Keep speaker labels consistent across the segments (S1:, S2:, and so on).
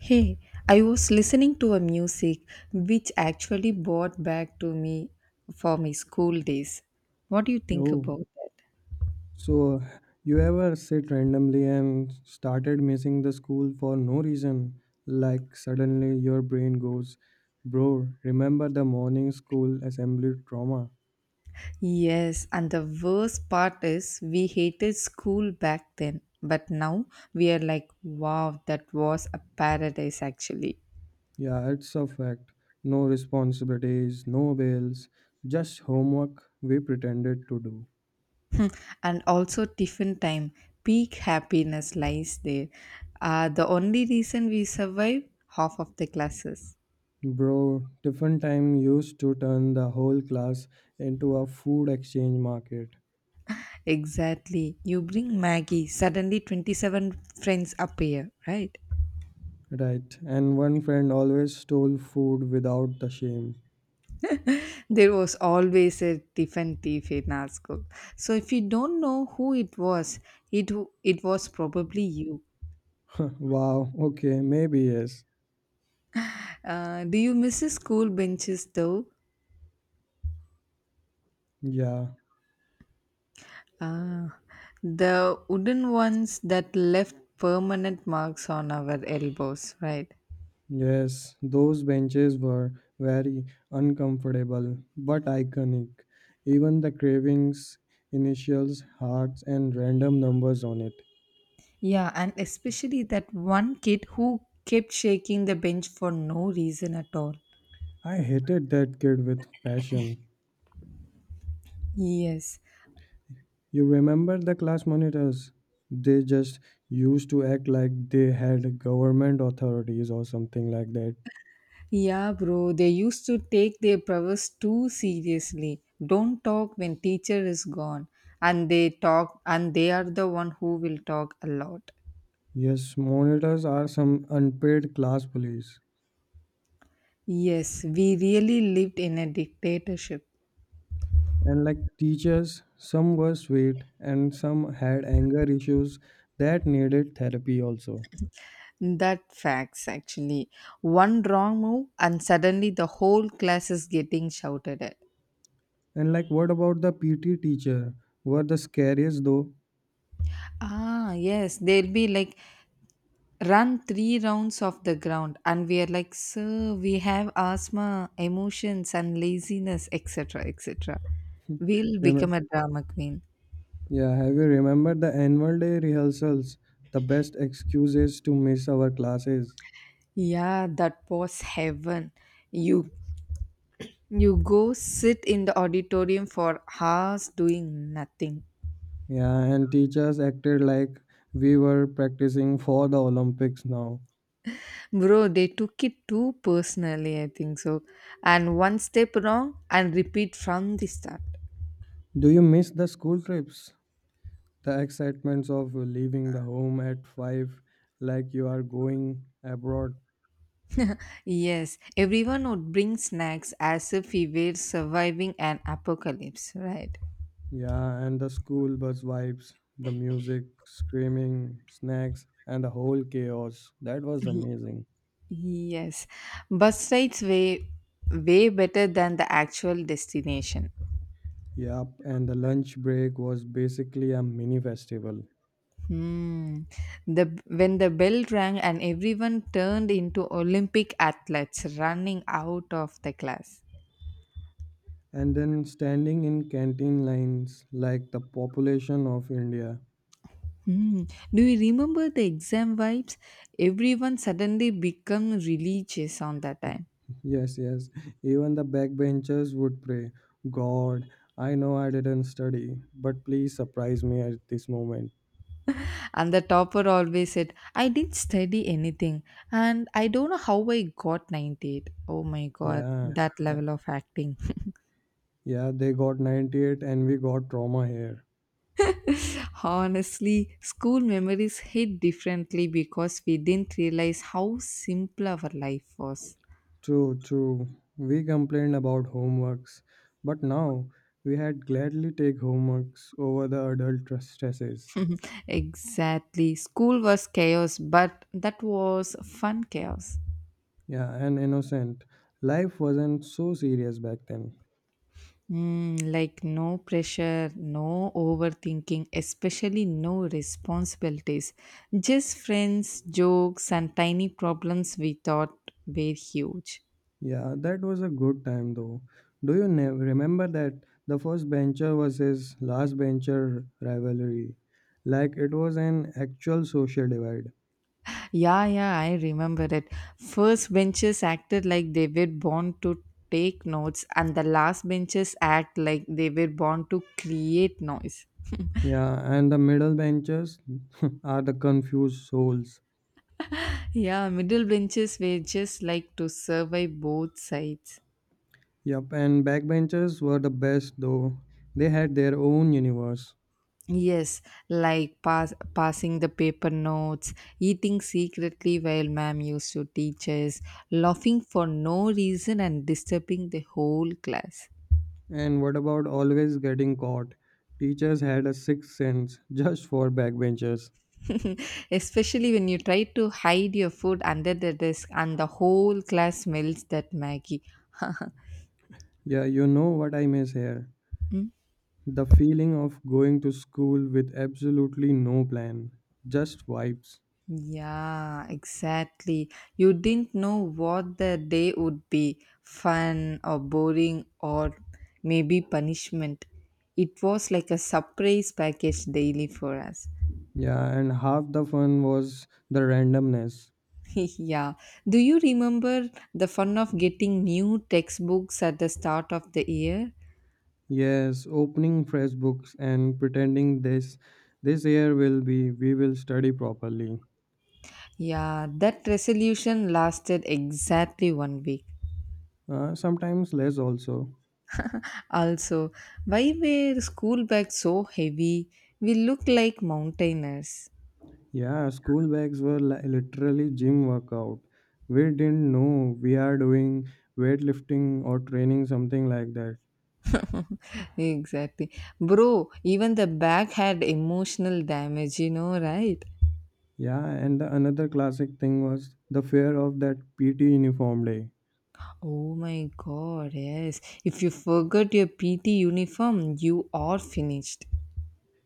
S1: Hey, I was listening to a music which actually brought back to me for my school days. What do you think
S2: Oh,
S1: about that?
S2: so you ever sit randomly and started missing the school for no reason? Like suddenly your brain goes, Bro, remember the morning school assembly trauma?
S1: Yes, and the worst part is we hated school back then, but now we are like, wow, that was a paradise actually.
S2: Yeah, it's a fact. No responsibilities, no bills, just homework we pretended to do.
S1: And also tiffin time, peak happiness lies there. The only reason we survive half of the classes.
S2: Bro, tiffin time used to turn the whole class into a food exchange market.
S1: Exactly. You bring Maggie, suddenly 27 friends appear, right?
S2: Right, and one friend always stole food without the shame.
S1: There was always a different thief in our school. So if you don't know who it was, it was probably you.
S2: Wow, okay, maybe yes.
S1: Do you miss the school benches though?
S2: Yeah,
S1: Ah, the wooden ones that left permanent marks on our elbows, right?
S2: yes, those benches were very uncomfortable but iconic. Even the cravings, initials, hearts, and random numbers on it.
S1: Yeah, and especially that one kid who kept shaking the bench for no reason at all.
S2: I hated that kid with passion.
S1: Yes.
S2: You remember the class monitors? They just used to act like they had government authorities or something like that.
S1: Yeah, bro, they used to take their prowess too seriously. Don't talk when teacher is gone. And they talk, and they are the one who will talk a lot.
S2: Yes, monitors are some unpaid class police.
S1: Yes, we really lived in a dictatorship.
S2: And like teachers, some were sweet and some had anger issues that needed therapy also.
S1: That facts actually. One wrong move, and suddenly the whole class is getting shouted at.
S2: And like what about the PT teacher? Were the scariest though.
S1: Ah, yes, they'll be like, run three rounds of the ground, and we are like, sir, we have asthma, emotions, and laziness, etc, etc. We'll become
S2: Rem-
S1: a drama queen.
S2: yeah, have you remembered the annual day rehearsals, the best excuses to miss our classes?
S1: Yeah, that was heaven. You you go sit in the auditorium for hours doing nothing.
S2: Yeah, and teachers acted like we were practicing for the Olympics now.
S1: Bro, they took it too personally, I think so. And one step wrong and repeat from the start.
S2: Do you miss the school trips? The excitements of leaving the home at 5, like you are going abroad.
S1: Yes, everyone would bring snacks as if we were surviving an apocalypse, right?
S2: Yeah, and the school bus vibes, the music, screaming, snacks, and the whole chaos. That was amazing.
S1: Yes, bus rides way better than the actual destination.
S2: Yup, and the lunch break was basically a mini festival.
S1: Hmm. The when the bell rang and everyone turned into Olympic athletes running out of the class.
S2: And then standing in canteen lines like the population of India.
S1: Hmm. Do you remember the exam vibes? Everyone suddenly become religious on that time.
S2: Yes, yes. Even the backbenchers would pray, God, I know I didn't study, but please surprise me at this moment.
S1: And the topper always said, I didn't study anything and I don't know how I got 98. Oh my god,
S2: Yeah,
S1: that
S2: eh,
S1: level of acting.
S2: yeah, they got 98 and we got trauma here.
S1: Honestly, school memories hit differently because we didn't realize how simple our life was.
S2: True, true. We complained about homeworks, but now we had gladly take homeworks over the adult stresses.
S1: Exactly. School was chaos, but that was fun chaos.
S2: Yeah, and innocent. Life wasn't so serious back then.
S1: Mm, like no pressure, no overthinking, especially no responsibilities. Just friends, jokes, and tiny problems we thought were huge.
S2: Yeah, that was a good time though. Do you remember that the first bencher versus last bencher rivalry? Like it was an actual social divide.
S1: Yeah, yeah, I remember it. First benches acted like they were born to take notes, and the last benches act like they were born to create noise.
S2: Yeah, and the middle benchers are the confused souls.
S1: Yeah, middle benches were just like to survive both sides.
S2: Yep, and backbenchers were the best though. They had their own universe.
S1: Yes, like pass, passing the paper notes, eating secretly while ma'am used to teach us, laughing for no reason and disturbing the whole class.
S2: And what about always getting caught? Teachers had a sixth sense just for backbenchers.
S1: Especially when you try to hide your food under the desk and the whole class smells that Maggie.
S2: Yeah, you know what I miss here. The feeling of going to school with absolutely no plan, just vibes.
S1: Yeah, exactly. You didn't know what the day would be, fun or boring or maybe punishment. It was like a surprise package daily for us.
S2: Yeah, and half the fun was the randomness.
S1: Yeah. Do you remember the fun of getting new textbooks at the start of the year?
S2: Yes, opening fresh books and pretending this year will be we will study properly.
S1: Yeah, that resolution lasted exactly 1 week.
S2: Sometimes less also.
S1: Also, why were school bags so heavy? We looked like mountaineers.
S2: Yeah, school bags were literally gym workout. We didn't know we are doing weightlifting or training something like that.
S1: Exactly. Bro, even the bag had emotional damage, you know, right?
S2: Yeah, and the another classic thing was the fear of that PT uniform day.
S1: Oh my god, yes. If you forgot your PT uniform, you are finished.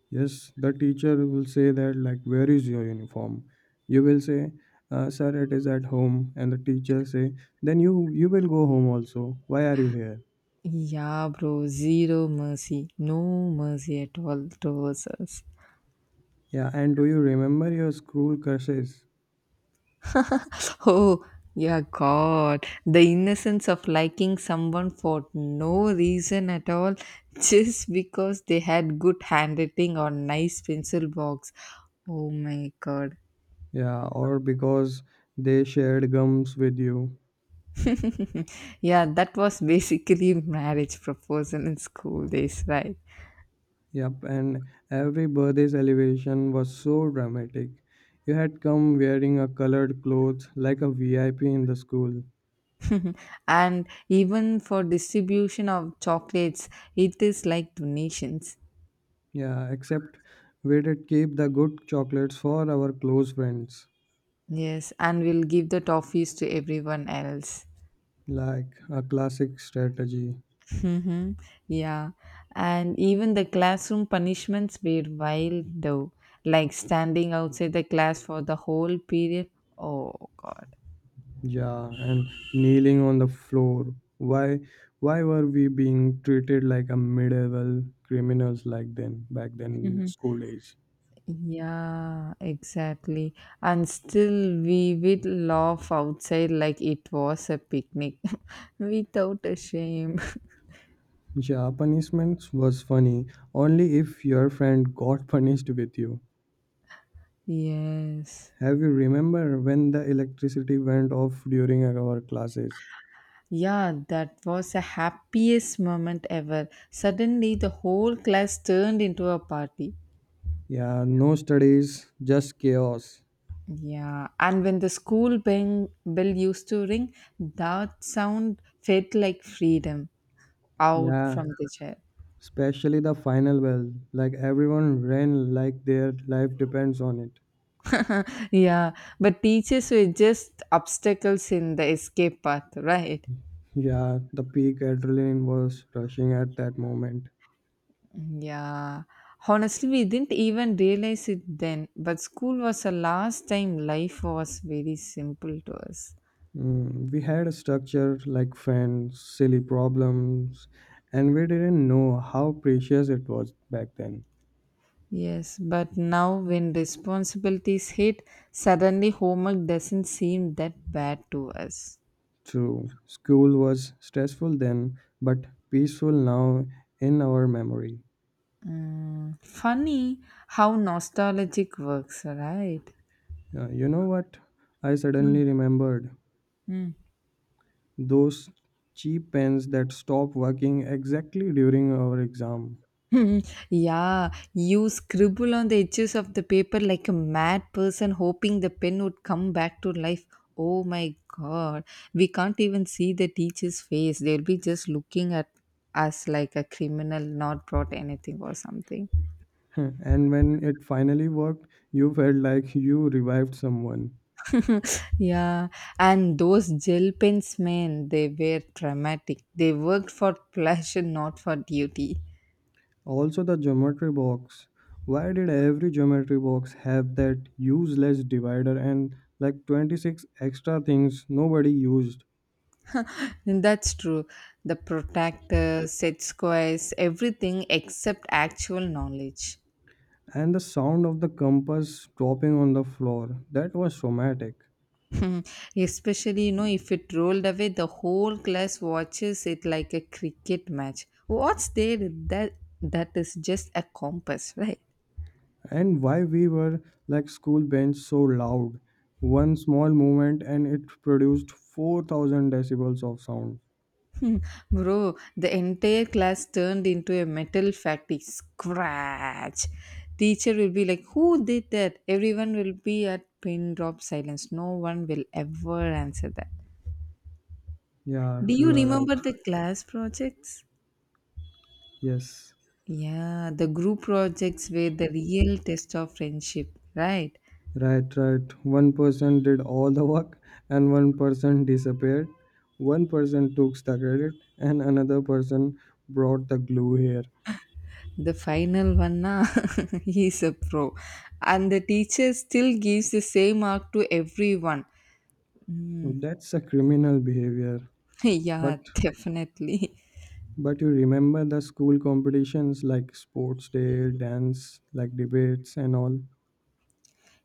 S2: Yes, the teacher will say that like, where is your uniform? You will say, sir, it is at home, and the teacher say, then you will go home also. Why are you here?
S1: Yeah, bro, zero mercy. No mercy at all towards us.
S2: Yeah, and do you remember your school crushes?
S1: Oh, yeah, God. The innocence of liking someone for no reason at all, just because they had good handwriting or nice pencil box. Oh my god.
S2: Yeah, or because they shared gums with you.
S1: Yeah, that was basically marriage proposal in school days, right?
S2: Yep, and every birthday celebration was so dramatic. You had come wearing a colored clothes like a VIP in the school.
S1: And even for distribution of chocolates, it is like donations.
S2: Yeah, except we did keep the good chocolates for our close friends,
S1: Yes, and we'll give the toffees to everyone else.
S2: like a classic strategy.
S1: Hmm. Yeah, and even the classroom punishments were wild though, like standing outside the class for the whole period. Oh God.
S2: Yeah, and kneeling on the floor. Why why were we being treated like a medieval criminals like then back then
S1: Mhm.
S2: school days?
S1: Yeah, exactly. And still, we would laugh outside like it was a picnic without a shame.
S2: Yeah, punishment was funny only if your friend got punished with you.
S1: Yes.
S2: Have you remember when the electricity went off during our classes?
S1: Yeah, that was the happiest moment ever. Suddenly, the whole class turned into a party.
S2: Yeah, no studies, just chaos.
S1: Yeah, and when the school bell used to ring, that sound felt like freedom out from
S2: Yeah,
S1: the chair.
S2: especially the final bell. Like everyone ran like their life depends on it.
S1: Yeah, but teachers were just obstacles in the escape path, right?
S2: Yeah, the peak adrenaline was rushing at that moment.
S1: Yeah. Honestly, we didn't even realize it then, but school was the last time life was very simple to us.
S2: Mm, we had a structure like friends, silly problems, and we didn't know how precious it was back then.
S1: Yes, but now when responsibilities hit, suddenly homework doesn't seem that bad to us.
S2: True, school was stressful then, but peaceful now in our memory.
S1: Mm, funny how nostalgic works, right?
S2: You know what? I suddenly remembered
S1: Mm.
S2: those cheap pens that stopped working exactly during our exam.
S1: Hmm. Yeah, you scribble on the edges of the paper like a mad person hoping the pen would come back to life. Oh my god, we can't even see the teacher's face. They'll be just looking at us like a criminal not brought anything or something.
S2: And when it finally worked, you felt like you revived someone.
S1: Yeah, and those gel pens, man, they were dramatic. They worked for pleasure, not for duty.
S2: Also, the geometry box. Why did every geometry box have that useless divider and like 26 extra things nobody used?
S1: And that's true. The protractor, set squares, everything except actual knowledge.
S2: And the sound of the compass dropping on the floor. That was traumatic.
S1: Especially, you know, if it rolled away, the whole class watches it like a cricket match. What's there? That that is just a compass, right?
S2: And why we were like school bench so loud. One small movement and it produced 4,000 decibels of sound.
S1: Bro, the entire class turned into a metal factory. Scratch. Teacher will be like, who did that? Everyone will be at pin drop silence. No one will ever answer that.
S2: Yeah,
S1: Do you
S2: you are
S1: remember
S2: right.
S1: the class projects?
S2: Yes.
S1: Yeah, the group projects were the real test of friendship, right?
S2: Right, right. One person did all the work and one person disappeared. One person took the credit and another person brought the glue here.
S1: The final one, na, he is a pro. And the teacher still gives the same mark to everyone.
S2: That's a criminal behavior. But
S1: Yeah, definitely.
S2: but you remember the school competitions like sports day, dance, like debates and all.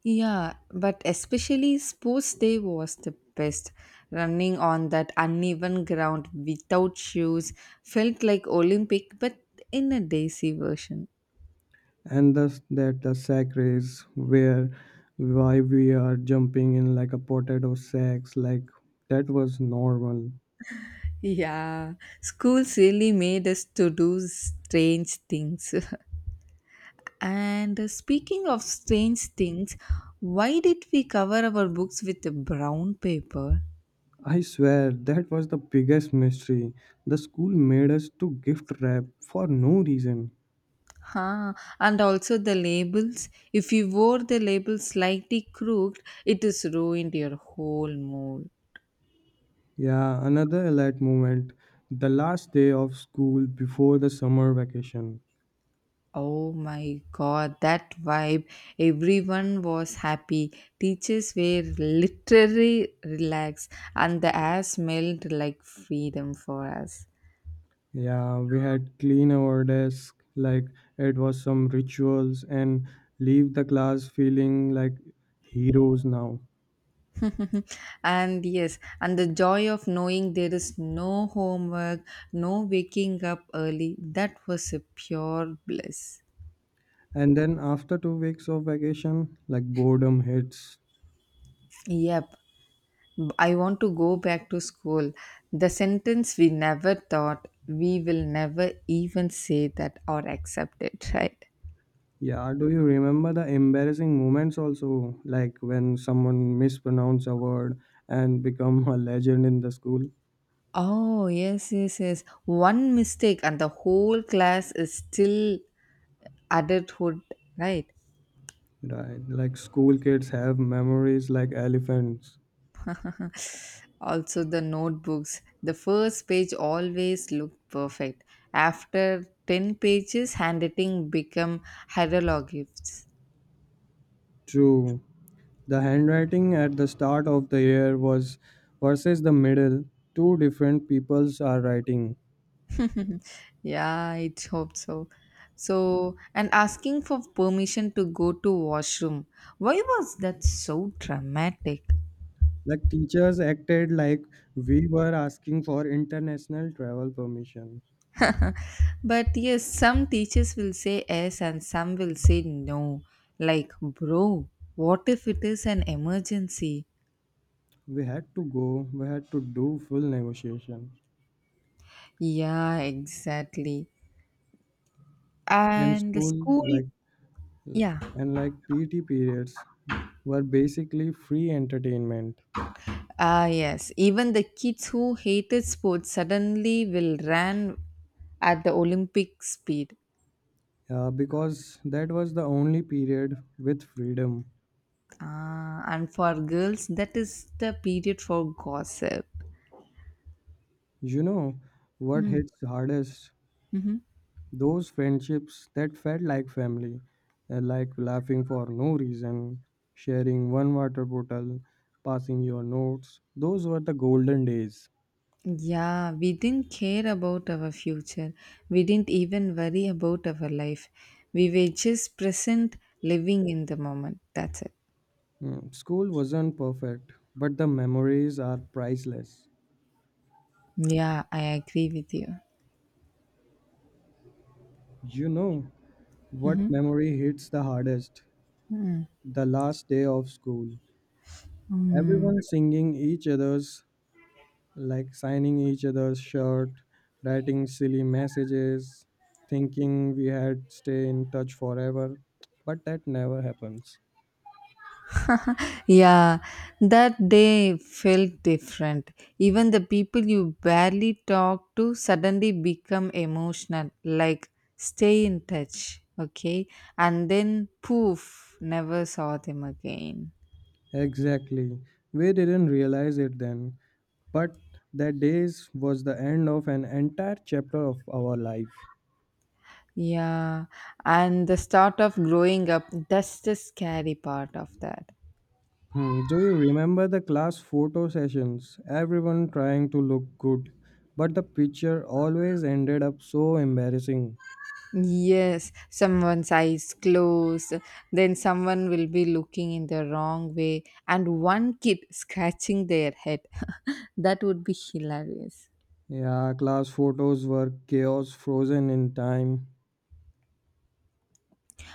S1: Yeah, but especially sports day was the best. Running on that uneven ground without shoes felt like Olympic, but in a daisy version.
S2: And thus that the sack race, where why we are jumping in like a potato sacks like that was normal.
S1: Yeah, schools really made us to do strange things. And speaking of strange things, why did we cover our books with a brown paper?
S2: I swear that was the biggest mystery. The school made us to gift wrap for no reason.
S1: Huh. And also the labels. If you wore the label slightly crooked, it is ruined your whole mood.
S2: Yeah, another elite moment. The last day of school before the summer vacation.
S1: Oh my god, that vibe. Everyone was happy. Teachers were literally relaxed, and the air smelled like freedom for us.
S2: Yeah, we had clean our desk like it was some rituals and leave the class feeling like heroes now.
S1: And yes, and the joy of knowing there is no homework, no waking up early, that was a pure bliss.
S2: And then after 2 weeks of vacation, like boredom hits.
S1: Yep, B- I want to go back to school. The sentence we never thought we will never even say that or accept it, right?
S2: Yeah, do you remember the embarrassing moments also, like when someone mispronounce a word and become a legend in the school?
S1: Oh, yes, yes, yes. One mistake and the whole class is still adulthood, right?
S2: Right, like school kids have memories like elephants.
S1: Also, the notebooks. The first page always looked perfect. After 10 pages, handwriting become hieroglyphs.
S2: True. The handwriting at the start of the year was versus the middle, two different peoples are writing.
S1: Yeah, I hope so. So, and asking for permission to go to washroom. Why was that so dramatic?
S2: Like teachers acted like we were asking for international travel permission.
S1: But yes, some teachers will say yes and some will say no. Like, bro, what if it is an emergency?
S2: We had to go, we had to do full negotiation.
S1: Yeah, exactly.
S2: And
S1: And the
S2: school
S1: school,
S2: like
S1: yeah,
S2: and like PT periods were basically free entertainment
S1: ah, yes. Even the kids who hated sports suddenly will run at the Olympic speed.
S2: because that was the only period with freedom.
S1: Ah, and for girls, that is the period for gossip.
S2: You know what
S1: Mm-hmm.
S2: hits hardest? Those friendships that felt like family, like laughing for no reason, sharing one water bottle, passing your notes. Those were the golden days.
S1: Yeah, we didn't care about our future. We didn't even worry about our life. We were just present, living in the moment. That's it.
S2: Mm, school wasn't perfect, but the memories are priceless.
S1: Yeah, I agree with you.
S2: You know what memory hits the hardest? The last day of school. Everyone singing each other's, like signing each other's shirt, writing silly messages, thinking we had stay in touch forever. But that never happens.
S1: Yeah, that day felt different. Even the people you barely talk to suddenly become emotional, like, stay in touch, okay? And then poof, never saw them again.
S2: Exactly. We didn't realize it then. But that days was the end of an entire chapter of our life.
S1: Yeah, and the start of growing up, that's the scary part of that.
S2: Hmm, do you remember the class photo sessions? Everyone trying to look good, but the picture always ended up so embarrassing.
S1: Yes, someone's eyes closed, then someone will be looking in the wrong way, and one kid scratching their head. That would be hilarious.
S2: Yeah, class photos were chaos frozen in time.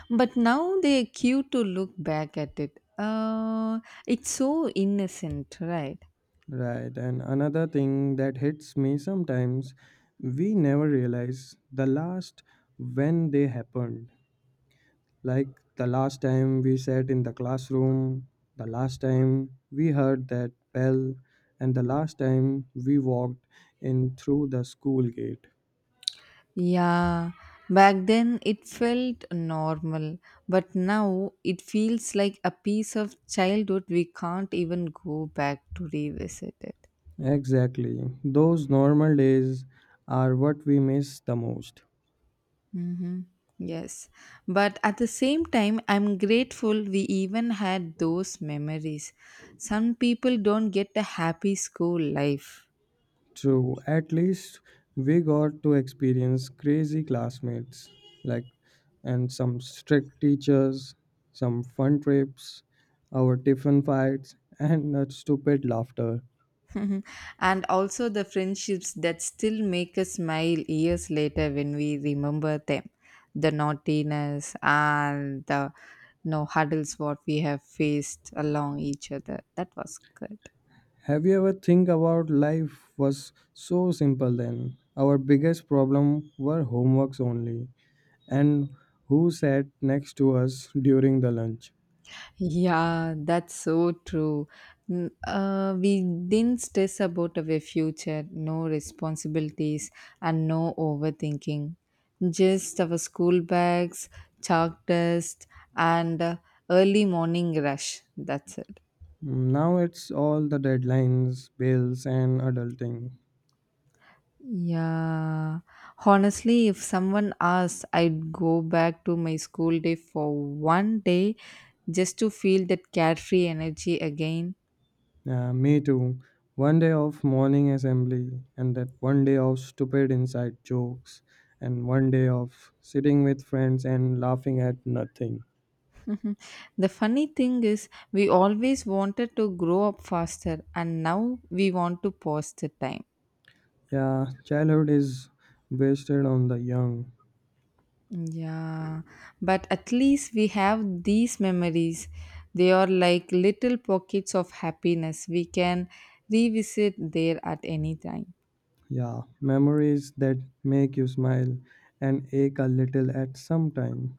S1: But now they're cute to look back at it. It's so innocent, right?
S2: Right, and another thing that hits me sometimes, we never realize the last when they happened. Like the last time we sat in the classroom, the last time we heard that bell, and the last time we walked in through the school gate.
S1: Yeah, back then it felt normal, but now it feels like a piece of childhood we can't even go back to revisit it.
S2: Exactly. Those normal days are what we miss the most.
S1: Mm-hmm. Yes, but at the same time, I'm grateful we even had those memories. Some people don't get a happy school life.
S2: True. At least we got to experience crazy classmates, like, and some strict teachers, some fun trips, our tiffin fights, and that stupid laughter.
S1: Mhm. And also the friendships that still make us smile years later when we remember them, the naughtiness and the no huddles what we have faced along each other, that was good.
S2: Have you ever think about life was so simple then? Our biggest problem were homeworks only and who sat next to us during the lunch.
S1: Yeah, that's so true. N- We didn't stress about our future, no responsibilities, and no overthinking. Just our school bags, chalk dust, and early morning rush. That's it.
S2: Now it's all the deadlines, bills and adulting.
S1: Yeah. Honestly, if someone asked, I'd go back to my school day for 1 day just to feel that carefree energy again.
S2: Yeah, me too. One day of morning assembly and that one day of stupid inside jokes and one day of sitting with friends and laughing at nothing.
S1: The funny thing is, we always wanted to grow up faster, and now we want to pause the time.
S2: Yeah, childhood is wasted on the young.
S1: Yeah, but at least we have these memories. They are like little pockets of happiness. We can revisit there at any time.
S2: Yeah, memories that make you smile and ache a little at some time.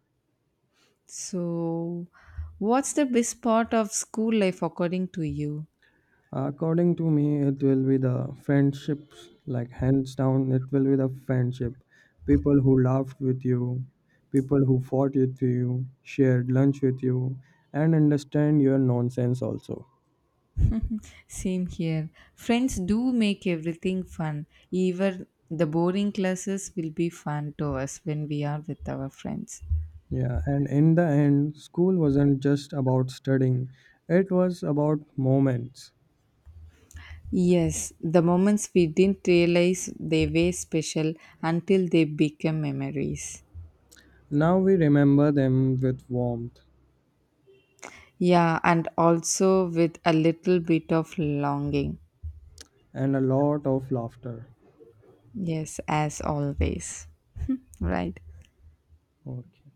S1: So, what's the best part of school life according to you?
S2: According to me, it will be the friendships, like hands down, it will be the friendship. People who laughed with you, people who fought with you, shared lunch with you, and understand your nonsense also.
S1: Same here. Friends do make everything fun. Even the boring classes will be fun to us when we are with our friends.
S2: Yeah, and in the end, school wasn't just about studying, it was about moments.
S1: Yes, the moments we didn't realize they were special until they become memories.
S2: Now we remember them with warmth
S1: Yeah, and also with a little bit of longing.
S2: and a lot of laughter.
S1: Yes, as always. Right.
S2: Окей.